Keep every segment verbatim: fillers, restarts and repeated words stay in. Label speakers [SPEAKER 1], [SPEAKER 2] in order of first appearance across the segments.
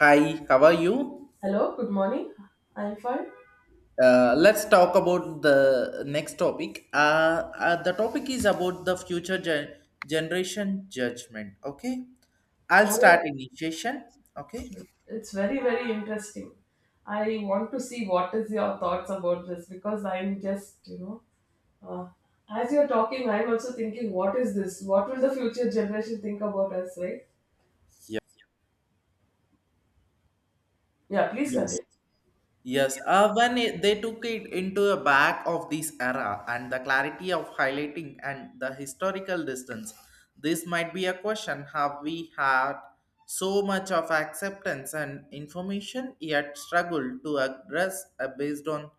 [SPEAKER 1] Hi, how are you?
[SPEAKER 2] Hello, good morning. I'm fine.
[SPEAKER 1] Uh, let's talk about the next topic. Uh, uh, the topic is about the future gen- generation judgment. Okay, I'll start
[SPEAKER 2] Oh,
[SPEAKER 1] initiation. Okay.
[SPEAKER 2] it's very, very interesting. I want to see what is your thoughts about this because I'm just, you know, uh, as you're talking, I'm also thinking, what is this? What will the future generation think about us, right?
[SPEAKER 1] Yeah.
[SPEAKER 2] Yeah, please
[SPEAKER 1] Yes.
[SPEAKER 2] continue.
[SPEAKER 1] Yes, uh, when it, they took it into the back of this era and the clarity of highlighting and the historical distance, this might be a question, have we had so much of acceptance and information yet struggle to address uh, based on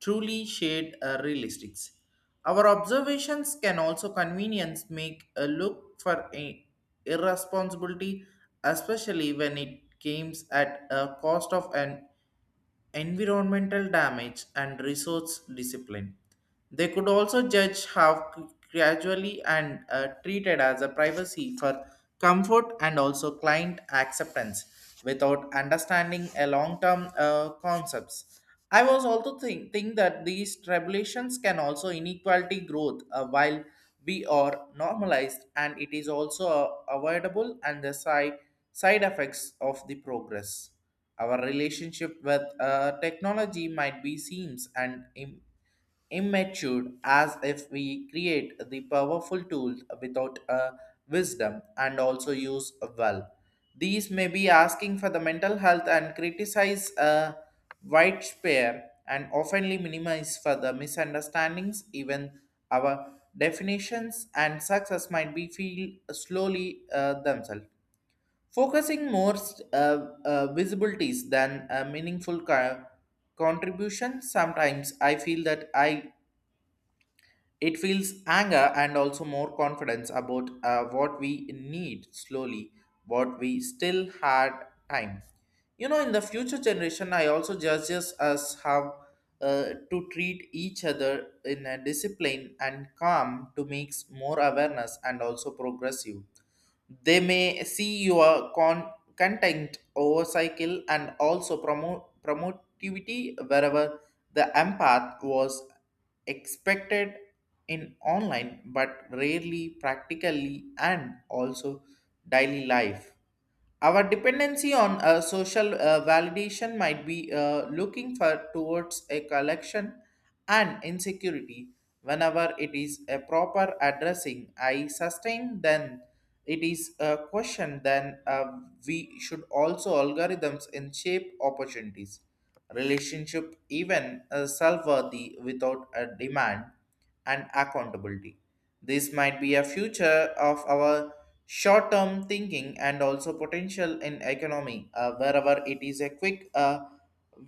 [SPEAKER 1] truly shared uh, realistics. Our observations can also convenience make a look for a irresponsibility, especially when it comes at a cost of an environmental damage and resource discipline. They could also judge how c- gradually and uh, treated as a privacy for comfort and also client acceptance without understanding a long-term uh, concepts. I was also think, think that these regulations can also inequality growth uh, while we are normalized and it is also uh, avoidable and the side, side effects of the progress. Our relationship with uh, technology might be seems and im- immature as if we create the powerful tool without a wisdom and also use well. These may be asking for the mental health and criticize a wide spare and oftenly minimize for the misunderstandings, even our definitions and success might be feel slowly uh, themselves. Focusing more, uh, uh, visibilities than a meaningful co- contribution, sometimes I feel that I it feels anger and also more confidence about uh, what we need slowly, what we still had time. You know, in the future generation, I also judges us how uh, to treat each other in a discipline and calm to make more awareness and also progressive. They may see your con- content over cycle and also promote promotivity wherever the empath was expected in online but rarely practically and also daily life. Our dependency on uh, social uh, validation might be uh, looking for towards a collection and insecurity whenever it is a proper addressing. I sustain, then it is a question then uh, we should also algorithms in shape opportunities relationship even uh, self-worthy without a demand and accountability. This might be a future of our short-term thinking and also potential in economy uh, wherever it is a quick uh,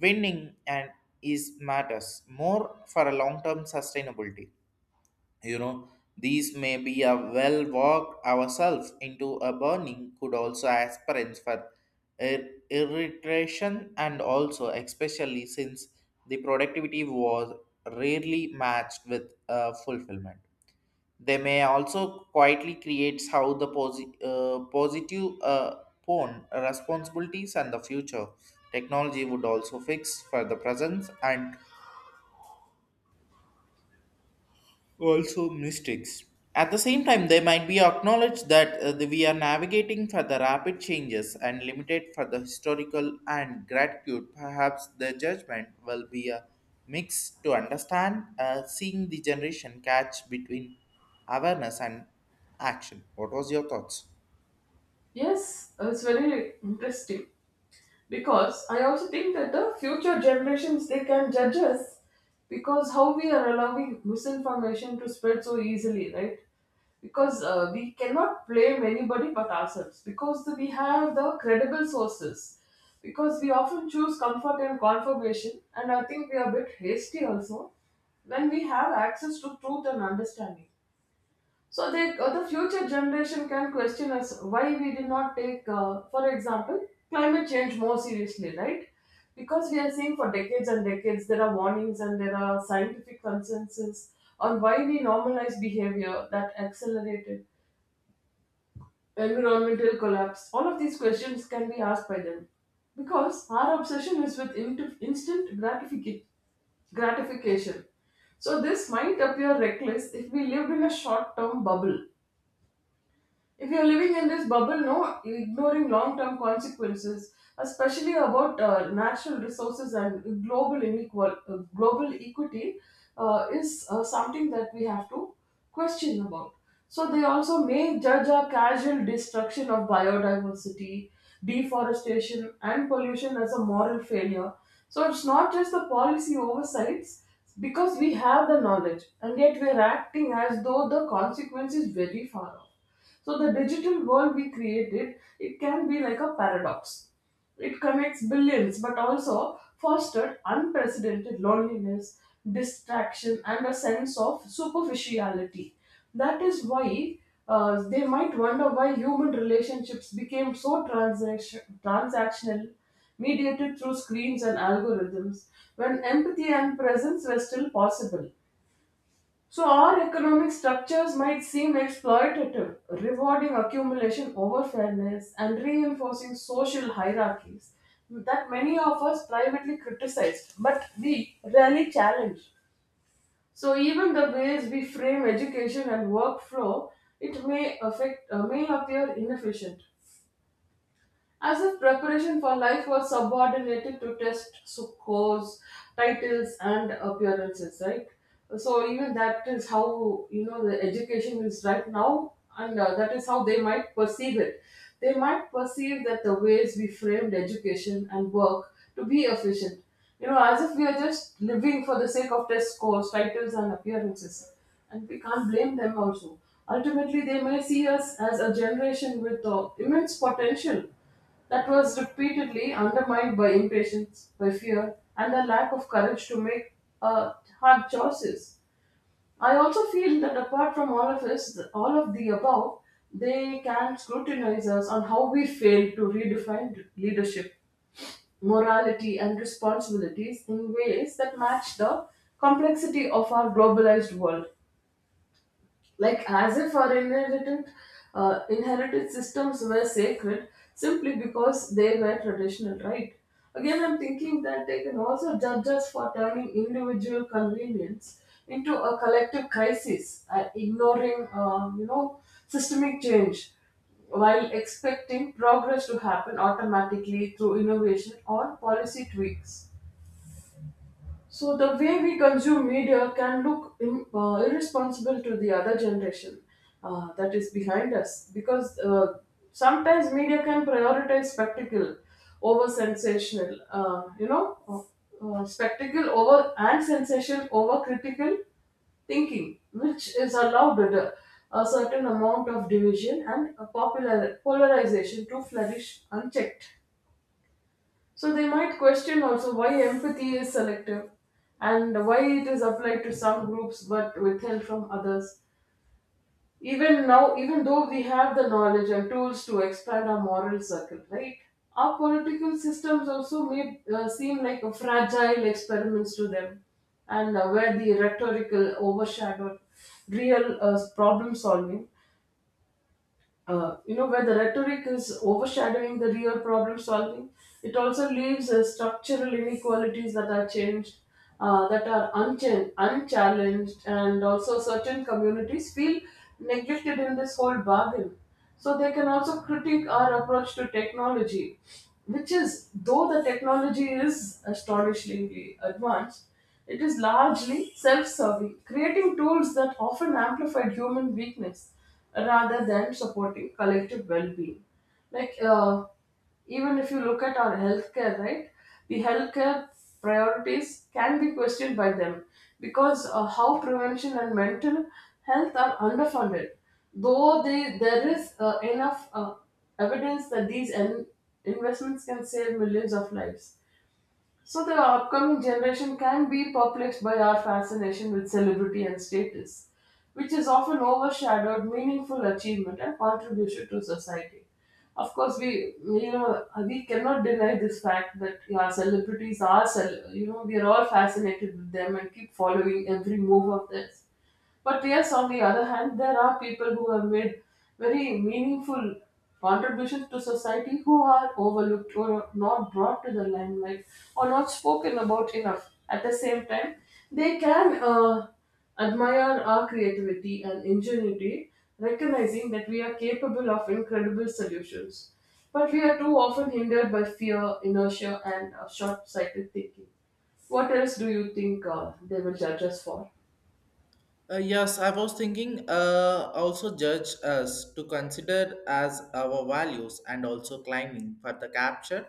[SPEAKER 1] winning and is matters more for a long-term sustainability. You know, these may be a well walk ourselves into a burning, could also aspirants for ir- irritation and also, especially since the productivity was rarely matched with uh, fulfillment. They may also quietly creates how the posi- uh, positive uh, pawn responsibilities and the future. Technology would also fix for the presence and also mistakes. At the same time, they might be acknowledged that uh, the- we are navigating for the rapid changes and limited for the historical and gratitude. Perhaps the judgment will be a mix to understand, uh, seeing the generation catch between awareness and action. What was your thoughts?
[SPEAKER 2] Yes, it's very interesting because I also think that the future generations they can judge us because how we are allowing misinformation to spread so easily, right? Because uh, we cannot blame anybody but ourselves because we have the credible sources because we often choose comfort and confirmation, and I think we are a bit hasty also when we have access to truth and understanding. So they, uh, the future generation can question us why we did not take, uh, for example, climate change more seriously, right? Because we are seeing for decades and decades there are warnings and there are scientific consensus on why we normalize behavior that accelerated environmental collapse. All of these questions can be asked by them. Because our obsession is with int- instant gratific- gratification. So, this might appear reckless if we lived in a short term bubble. If you're living in this bubble, no, ignoring long term consequences, especially about uh, natural resources and global inequal, uh, global equity, uh, is uh, something that we have to question about. So they also may judge our casual destruction of biodiversity, deforestation, and pollution as a moral failure. So it's not just the policy oversights because we have the knowledge and yet we're acting as though the consequence is very far off. So the digital world we created, it can be like a paradox. It connects billions, but also fostered unprecedented loneliness, distraction, and a sense of superficiality. That is why uh, they might wonder why human relationships became so transaction- transactional, mediated through screens and algorithms, when empathy and presence were still possible. So, our economic structures might seem exploitative, rewarding accumulation over fairness and reinforcing social hierarchies that many of us privately criticized, but we rarely challenge. So, even the ways we frame education and workflow, it may affect, uh, may appear inefficient, as if preparation for life was subordinated to test scores, titles, and appearances, right? So even that is how, you know, the education is right now, and uh, that is how they might perceive it. They might perceive that the ways we framed education and work to be efficient, you know, as if we are just living for the sake of test scores, titles, and appearances, and we can't blame them also. Ultimately, they may see us as a generation with uh, immense potential that was repeatedly undermined by impatience, by fear, and a lack of courage to make uh, hard choices. I also feel that apart from all of us, all of the above, they can scrutinize us on how we fail to redefine leadership, morality, and responsibilities in ways that match the complexity of our globalized world, like as if our inherited uh, inherited systems were sacred simply because they were traditional, right? Again, I'm thinking that they can also judge us for turning individual convenience into a collective crisis, uh, ignoring, uh, you know systemic change, while expecting progress to happen automatically through innovation or policy tweaks. So the way we consume media can look im- uh, irresponsible to the other generation uh, that is behind us, because uh, sometimes media can prioritize spectacle over sensational. Uh, you know, uh, uh, spectacle over and sensation over critical thinking, which is allowed a, a certain amount of division and a popular polarization to flourish unchecked. So they might question also why empathy is selective and why it is applied to some groups but withheld from others. Even now, even though we have the knowledge and tools to expand our moral circle, right? Our political systems also may uh, seem like a fragile experiments to them, and uh, where the rhetorical overshadowed real uh, problem solving. Uh, you know, where the rhetoric is overshadowing the real problem solving, it also leaves uh, structural inequalities that are changed, uh, that are unchan- unchallenged, and also certain communities feel neglected in this whole bargain. So they can also critique our approach to technology, which is, though the technology is astonishingly advanced, it is largely self serving, creating tools that often amplify human weakness rather than supporting collective well being. Like, uh, even if you look at our healthcare, right, the healthcare priorities can be questioned by them because uh, how prevention and mental health are underfunded. Though they, there is uh, enough uh, evidence that these en- investments can save millions of lives. So the upcoming generation can be perplexed by our fascination with celebrity and status, which has often overshadowed meaningful achievement and contribution to society. Of course, we you know we cannot deny this fact that yeah, celebrities are cel- you know, we are all fascinated with them and keep following every move of theirs. But yes, on the other hand, there are people who have made very meaningful contributions to society who are overlooked or not brought to the limelight or not spoken about enough. At the same time, they can uh, admire our creativity and ingenuity, recognizing that we are capable of incredible solutions. But we are too often hindered by fear, inertia, and uh, short sighted thinking. What else do you think uh, they will judge us for?
[SPEAKER 1] Uh, yes, I was thinking, uh, also judge us to consider as our values and also climbing for the capture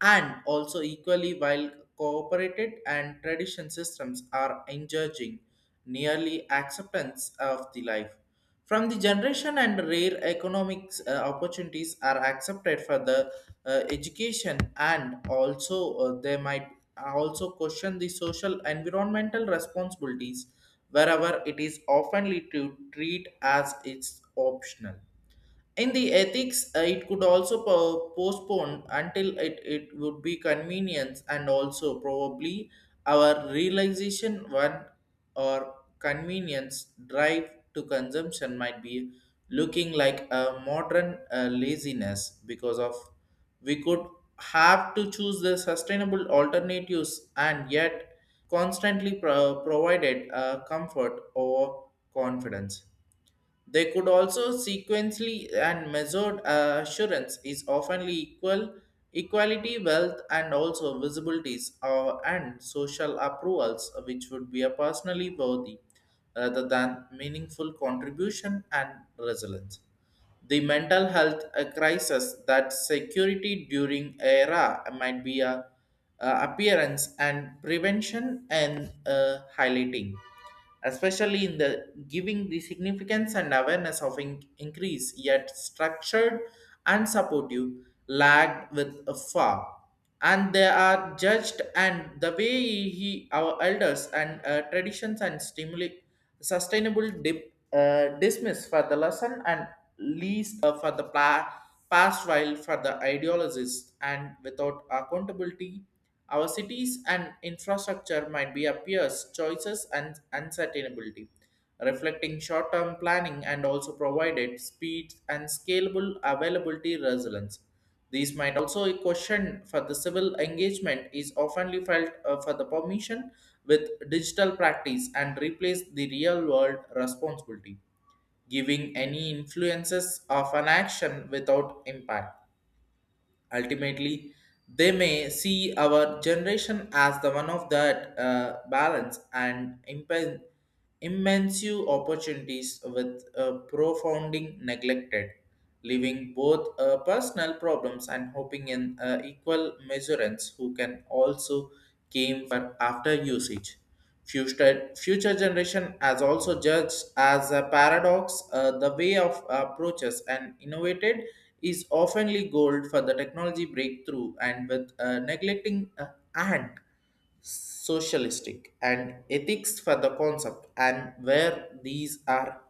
[SPEAKER 1] and also equally while cooperated and tradition systems are encouraging nearly acceptance of the life. From the generation and rare economic uh, opportunities are accepted for the uh, education, and also uh, they might also question the social environmental responsibilities wherever it is often to treat as it's optional in the ethics. Uh, it could also po- postpone until it, it would be convenience and also probably our realization. One or convenience drive to consumption might be looking like a modern uh, laziness because of, we could have to choose the sustainable alternatives and yet constantly pro- provided uh, comfort or confidence. They could also sequentially and measured uh, assurance is oftenly equal equality, wealth, and also visibilities, uh, and social approvals, which would be a personally worthy rather than meaningful contribution and resilience. The mental health uh, crisis that security during era might be a uh, appearance and prevention and uh, highlighting, especially in the giving the significance and awareness of in- increase, yet structured and supportive, lagged with a far. And they are judged, and the way he, our elders and uh, traditions and stimuli, sustainable dip uh, dismiss for the lesson and least uh, for the pla- past while for the ideologists and without accountability. Our cities and infrastructure might be appears choices and uncertainty, reflecting short-term planning and also provided speed and scalable availability resilience. These might also be questioned for the civil engagement is often felt uh, for the permission with digital practice and replace the real world responsibility, giving any influences of an action without impact. Ultimately, they may see our generation as the one of that uh, balance and impen- immense opportunities with uh, profounding neglected, leaving both uh, personal problems and hoping in uh, equal measurements who can also came for after usage. Future, future generation has also judged as a paradox, uh, the way of approaches and innovated is oftenly gold for the technology breakthrough and with uh, neglecting uh, and socialistic and ethics for the concept, and where these are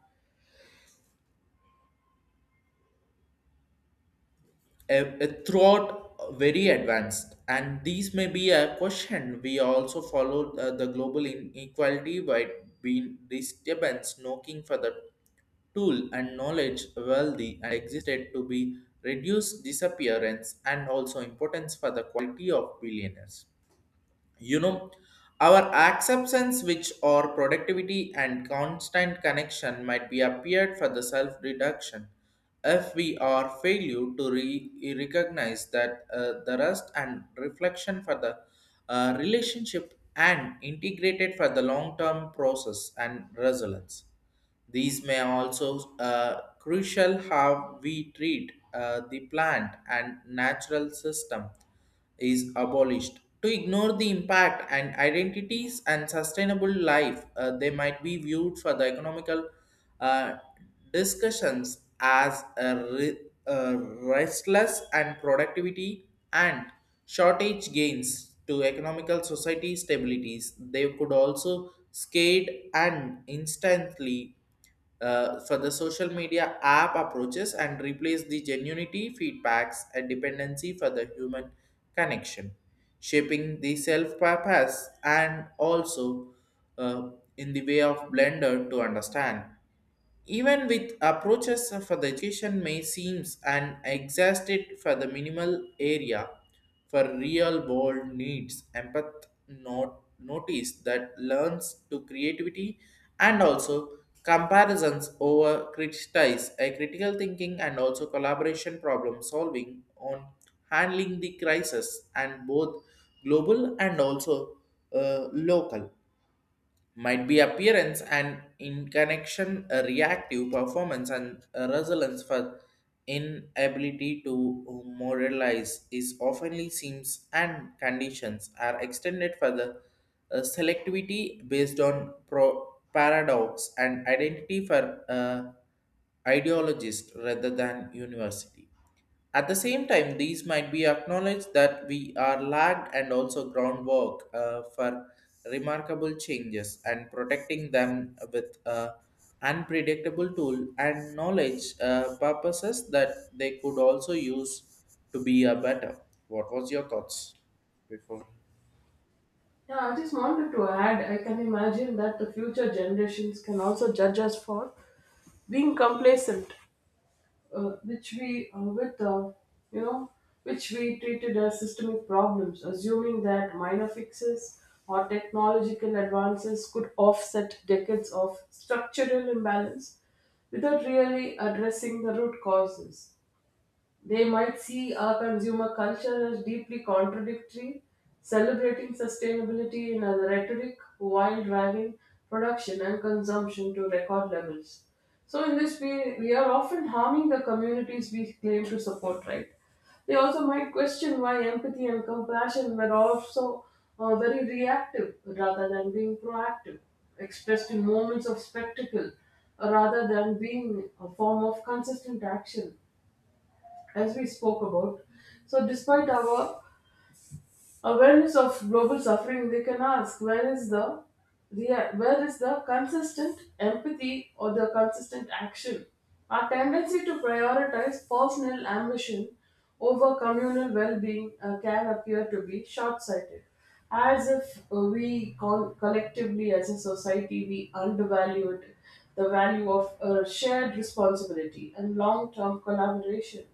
[SPEAKER 1] a, a throughout very advanced. And these may be a question, we also follow uh, the global inequality by being disturbance knocking for the tool and knowledge wealthy and existed to be reduced disappearance and also importance for the quality of billionaires. You know, our acceptance which or productivity and constant connection might be appeared for the self reduction if we are failure to re- recognize that uh, the rest and reflection for the uh, relationship and integrated for the long term process and resilience. These may also uh, crucial how we treat uh, the plant and natural system is abolished. To ignore the impact and identities and sustainable life, uh, they might be viewed for the economical uh, discussions as a, re- a restless and productivity and shortage gains to economical society stabilities. They could also skate and instantly uh, for the social media app approaches and replace the genuinity feedbacks and dependency for the human connection, shaping the self purpose and also, uh, in the way of blender to understand. Even with approaches for the education may seems and exhausted for the minimal area for real world needs, empath not notice that learns to creativity and also comparisons over criticize a critical thinking and also collaboration problem solving on handling the crisis and both global and also uh, local might be appearance, and in connection a reactive performance and a resilience for inability to moralize is oftenly seems and conditions are extended for the uh, selectivity based on pro- paradox and identity for uh, ideologist rather than university. At the same time, these might be acknowledged that we are lagged and also groundwork uh, for remarkable changes and protecting them with a unpredictable tool and knowledge uh, purposes that they could also use to be a better. What was your thoughts?
[SPEAKER 2] Yeah, I just wanted to add, I can imagine that the future generations can also judge us for being complacent, uh, which we, uh, with, uh, you know, which we treated as systemic problems, assuming that minor fixes or technological advances could offset decades of structural imbalance without really addressing the root causes. They might see our consumer culture as deeply contradictory, celebrating sustainability in a rhetoric while driving production and consumption to record levels. So, in this way, we are often harming the communities we claim to support, right? They also might question why empathy and compassion were also uh, very reactive rather than being proactive, expressed in moments of spectacle uh, rather than being a form of consistent action, as we spoke about. So, despite our awareness of global suffering, we can ask, where is the rea- where is the consistent empathy or the consistent action? Our tendency to prioritize personal ambition over communal well-being uh, can appear to be short-sighted, as if uh, we con- collectively, as a society, we undervalued the value of uh, shared responsibility and long-term collaboration.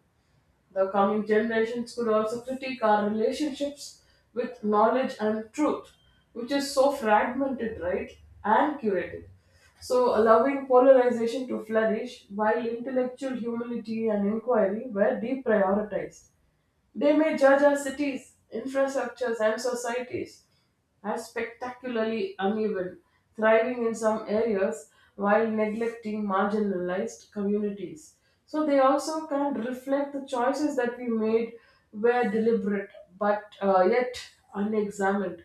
[SPEAKER 2] The coming generations could also critique our relationships with knowledge and truth, which is so fragmented, right, and curated. So, allowing polarization to flourish while intellectual humility and inquiry were deprioritized. They may judge our cities, infrastructures, and societies are spectacularly uneven, thriving in some areas while neglecting marginalized communities. So they also can reflect the choices that we made were deliberate but uh, yet unexamined.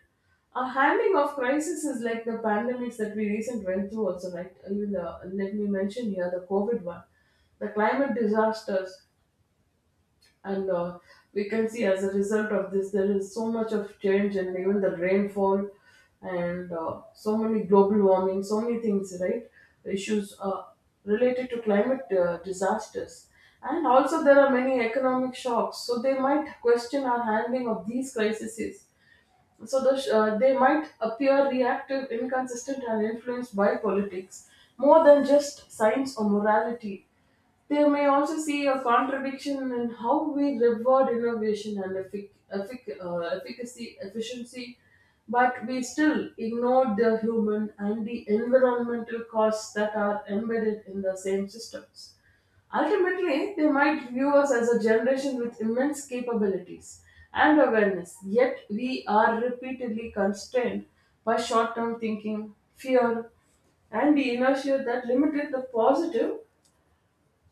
[SPEAKER 2] A handling of crises is like the pandemics that we recently went through also, right? Even the, let me mention here the COVID one, the climate disasters, and uh, we can see as a result of this there is so much of change, and even the rainfall, and uh, so many global warming, so many things, right? Issues, uh, related to climate uh, disasters, and also there are many economic shocks. So they might question our handling of these crises. So the, sh- uh, they might appear reactive, inconsistent, and influenced by politics more than just science or morality. They may also see a contradiction in how we reward innovation and effic- effic- uh, efficacy, efficiency, but we still ignore the human and the environmental costs that are embedded in the same systems. Ultimately, they might view us as a generation with immense capabilities and awareness, yet we are repeatedly constrained by short term thinking, fear, and the inertia that limited the positive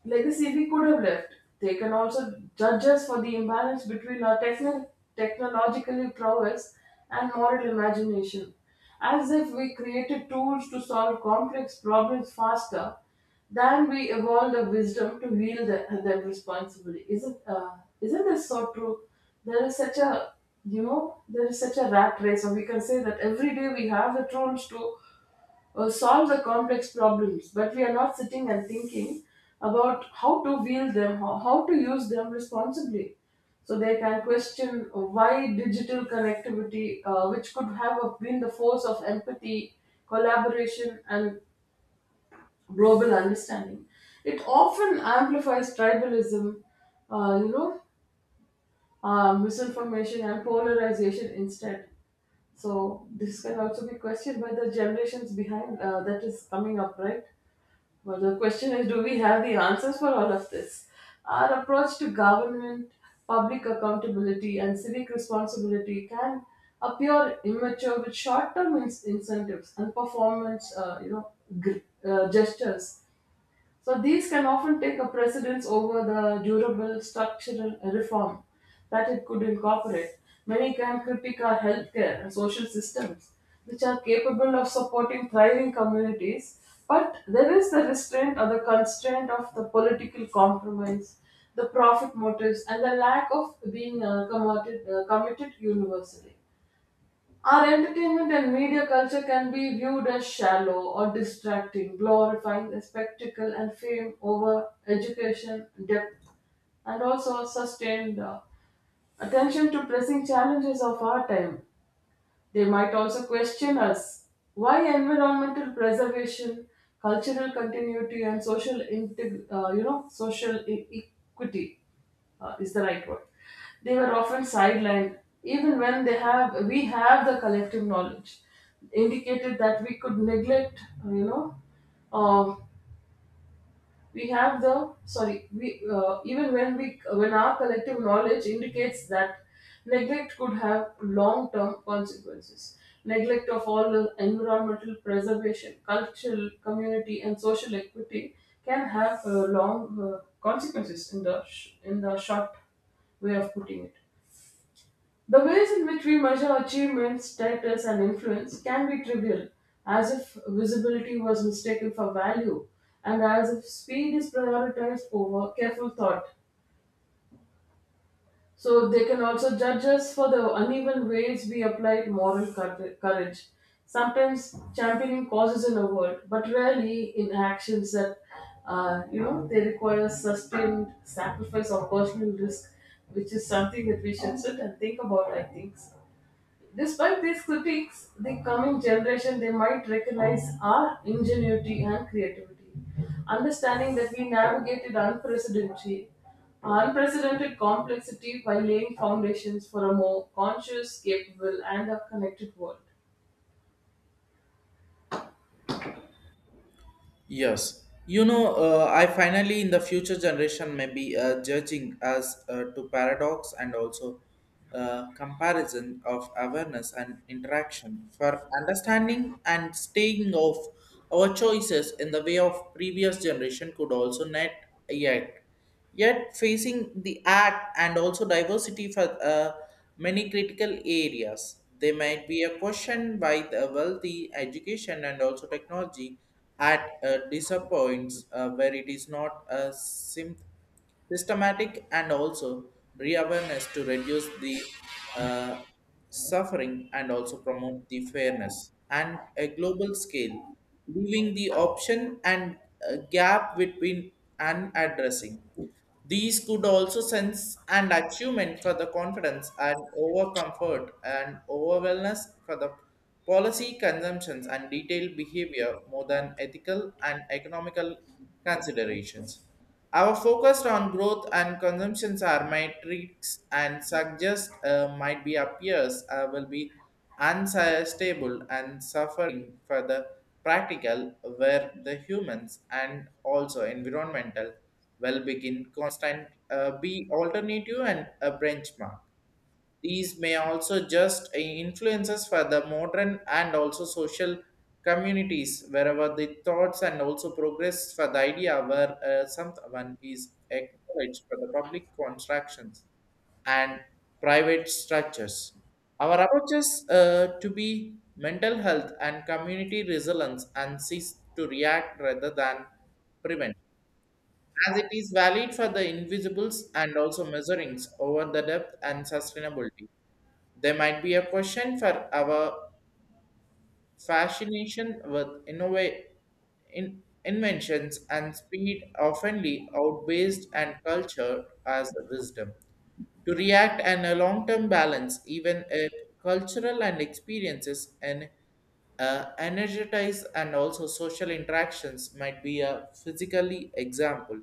[SPEAKER 2] like the C B could have left. They can also judge us for the imbalance between our techno- technological prowess and moral imagination, as if we created tools to solve complex problems faster than we evolved the wisdom to wield the- them responsibly. Isn't uh, isn't this so true? There is such a you know there is such a rat race, or we can say that every day we have the tools to uh, solve the complex problems, but we are not sitting and thinking about how to wield them, how, how to use them responsibly. So they can question uh, why digital connectivity, uh, which could have been the force of empathy, collaboration, and global understanding, it often amplifies tribalism, uh, you know, uh, misinformation and polarization instead. So this can also be questioned by the generations behind uh, that is coming up, right? Well, the question is, do we have the answers for all of this? Our approach to government, public accountability, and civic responsibility can appear immature with short term incentives and performance uh, you know, gr- uh, gestures, so these can often take a precedence over the durable structural reform that it could incorporate. Many can critique our healthcare and social systems, which are capable of supporting thriving communities, but there is the restraint or the constraint of the political compromise, the profit motives, and the lack of being uh, committed, uh, committed universally. Our entertainment and media culture can be viewed as shallow or distracting, glorifying the spectacle and fame over education, depth, and also sustained uh, attention to pressing challenges of our time. They might also question us why environmental preservation, cultural continuity, and social integ- uh, you know social e- equity uh, is the right word. They were often sidelined, even when they have we have the collective knowledge, indicated that we could neglect uh, you know. Uh, we have the sorry we uh, even when we when our collective knowledge indicates that neglect could have long term consequences, neglect of all the environmental preservation, cultural community, and social equity can have uh, long uh, consequences in the sh- in the short way of putting it. The ways in which we measure achievements, status, and influence can be trivial, as if visibility was mistaken for value, and as if speed is prioritized over careful thought. So they can also judge us for the uneven ways we applied moral cour- courage, sometimes championing causes in a word, but rarely in actions that, uh, you know, they require sustained sacrifice or personal risk, which is something that we should sit and think about, I think. Despite these critiques, the coming generation, they might recognize our ingenuity and creativity, understanding that we navigated unprecedented, unprecedented complexity by laying foundations for a more conscious, capable, and a connected world.
[SPEAKER 1] Yes, you know, uh, I finally in the future generation may be uh, judging as uh, to paradox and also uh, comparison of awareness and interaction for understanding and staying of our choices in the way of previous generation could also not yet yet facing the act and also diversity for uh, many critical areas. They might be a question by the wealthy education and also technology at uh, disappoints uh, where it is not a sim systematic, and also re-awareness to reduce the uh, suffering and also promote the fairness and a global scale, leaving the option and uh, gap between and addressing. These could also sense and achievement for the confidence and over comfort and over wellness for the policy consumptions and detailed behavior more than ethical and economical considerations. Our focus on growth and consumptions are metrics and suggest uh, might be appears uh, will be unstable and suffering for the practical where the humans and also environmental will begin constant uh, be alternative and a benchmark. These may also just influences for the modern and also social communities wherever the thoughts and also progress for the idea where uh, someone is acknowledged for the public constructions and private structures. Our approaches uh, to be mental health and community resilience and cease to react rather than prevent as it is valid for the invisibles and also measurings over the depth and sustainability. There might be a question for our fascination with innova- in- inventions and speed oftenly outweighs and culture as wisdom. To react and a long-term balance, even if cultural and experiences and uh, energize and also social interactions might be a physically example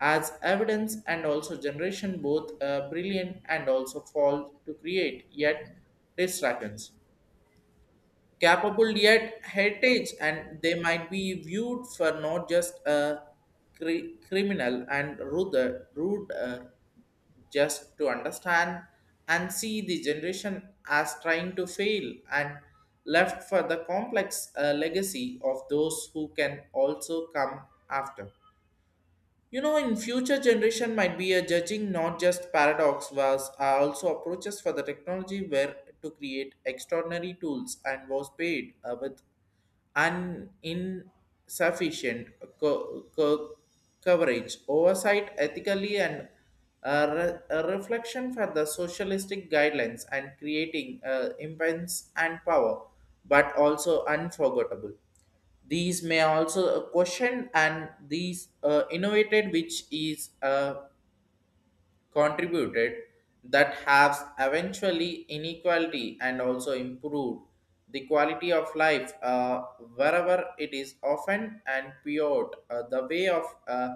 [SPEAKER 1] as evidence and also generation both uh, brilliant and also fall to create yet distractions capable yet heritage, and they might be viewed for not just a cri- criminal and rude, rude uh, just to understand and see the generation as trying to fail and left for the complex uh, legacy of those who can also come after. You know, in future generation might be a judging not just paradox was, uh, also approaches for the technology were to create extraordinary tools and was paid uh, with an insufficient co- co- coverage, oversight ethically and a, re- a reflection for the socialistic guidelines and creating uh, impense and power, but also unforgettable. These may also question and these uh, innovated which is uh, contributed that has eventually inequality and also improved the quality of life uh, wherever it is often and pure uh, the way of uh,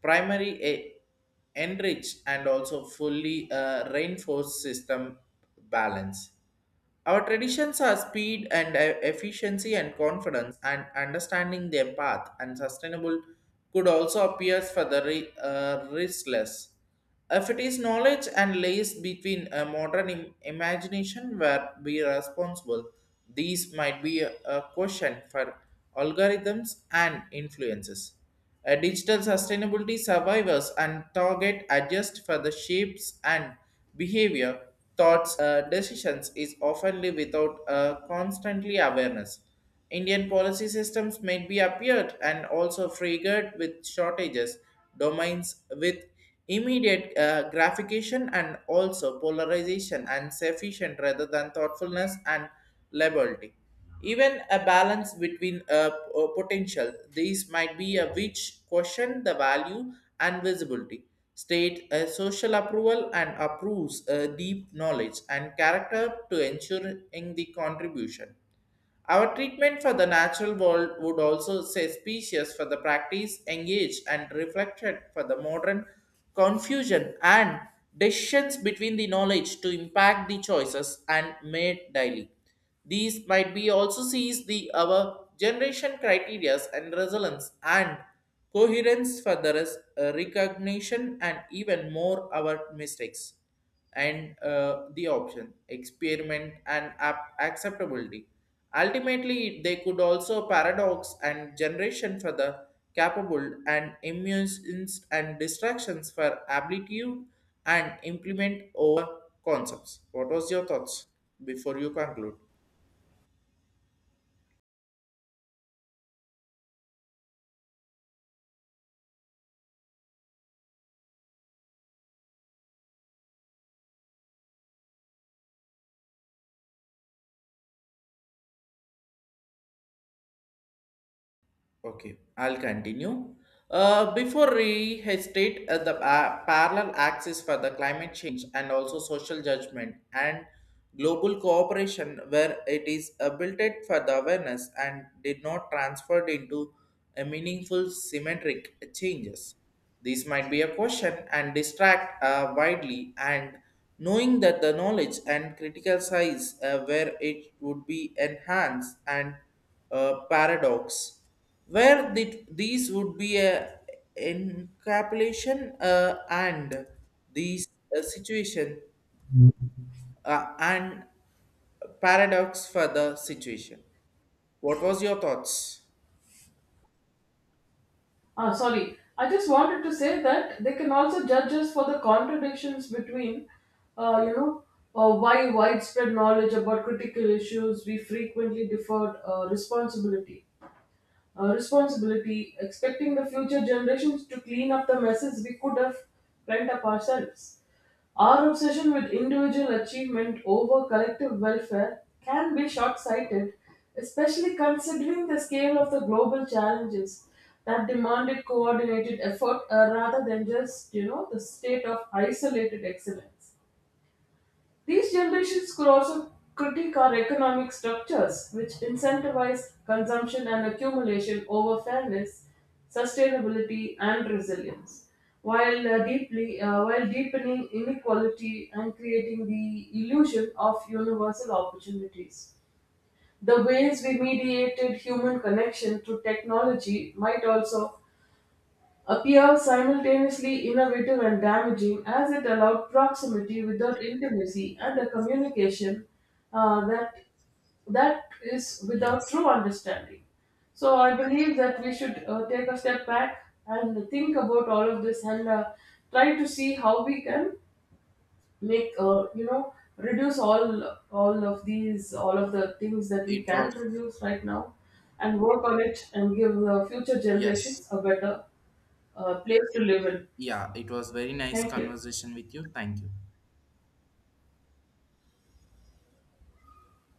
[SPEAKER 1] primary a- enrich and also fully uh, reinforced system balance. Our traditions are speed and e- efficiency and confidence, and understanding their path and sustainable could also appear for the re- uh, restless. If it is knowledge and lays between a modern Im- imagination where we are responsible, these might be a, a question for algorithms and influences. A digital sustainability survivors and target adjust for the shapes and behavior, thoughts, uh, decisions is often live without uh, constantly awareness. Indian policy systems may be appeared and also triggered with shortages, domains with immediate uh, gratification and also polarization and sufficient rather than thoughtfulness and liberty. Even a balance between a, a potential, these might be a which question the value and visibility. State a social approval and approves a deep knowledge and character to ensuring the contribution. Our treatment for the natural world would also say species for the practice engaged and reflected for the modern confusion and decisions between the knowledge to impact the choices and made daily. These might be also sees the our generation criterias and resilience and coherence for the res- uh, recognition and even more our mistakes and uh, the option experiment and ap- acceptability. Ultimately they could also paradox and generation for the capable and immunes and distractions for aptitude and implement over concepts. What was your thoughts before you conclude? Okay, I'll continue. Uh, before we state uh, the uh, parallel axis for the climate change and also social judgment and global cooperation, where it is uh, built it for the awareness and did not transferred into a meaningful symmetric changes. These might be a question and distract uh, widely and knowing that the knowledge and critical size uh, where it would be enhanced and uh, paradox where the, these would be a encapsulation, uh, and these uh, situation uh, and paradox for the situation. What was your thoughts?
[SPEAKER 2] Ah, sorry. I just wanted to say that they can also judge us for the contradictions between, uh, you know, uh, why widespread knowledge about critical issues we frequently deferred uh, responsibility uh, responsibility, expecting the future generations to clean up the messes we could have cleaned up ourselves. Our obsession with individual achievement over collective welfare can be short sighted, especially considering the scale of the global challenges that demanded coordinated effort uh, rather than just, you know, the state of isolated excellence. These generations could also critique our economic structures, which incentivize consumption and accumulation over fairness, sustainability, and resilience, while, uh, deeply, uh, while deepening inequality and creating the illusion of universal opportunities. The ways we mediated human connection through technology might also appear simultaneously innovative and damaging, as it allowed proximity without intimacy and a
[SPEAKER 1] Yes,
[SPEAKER 2] communication uh, that that is without
[SPEAKER 1] yes.
[SPEAKER 2] true understanding. So I believe that we should uh, take a step back and think about all of this and uh, try to see how we can make uh, you know reduce all all of these all of the things that we
[SPEAKER 1] It
[SPEAKER 2] can
[SPEAKER 1] was,
[SPEAKER 2] reduce right now, and work on it and give the future
[SPEAKER 1] yes.
[SPEAKER 2] generations a better a place to live in.
[SPEAKER 1] Yeah, it was very nice
[SPEAKER 2] Thank you.
[SPEAKER 1] conversation with you. Thank you.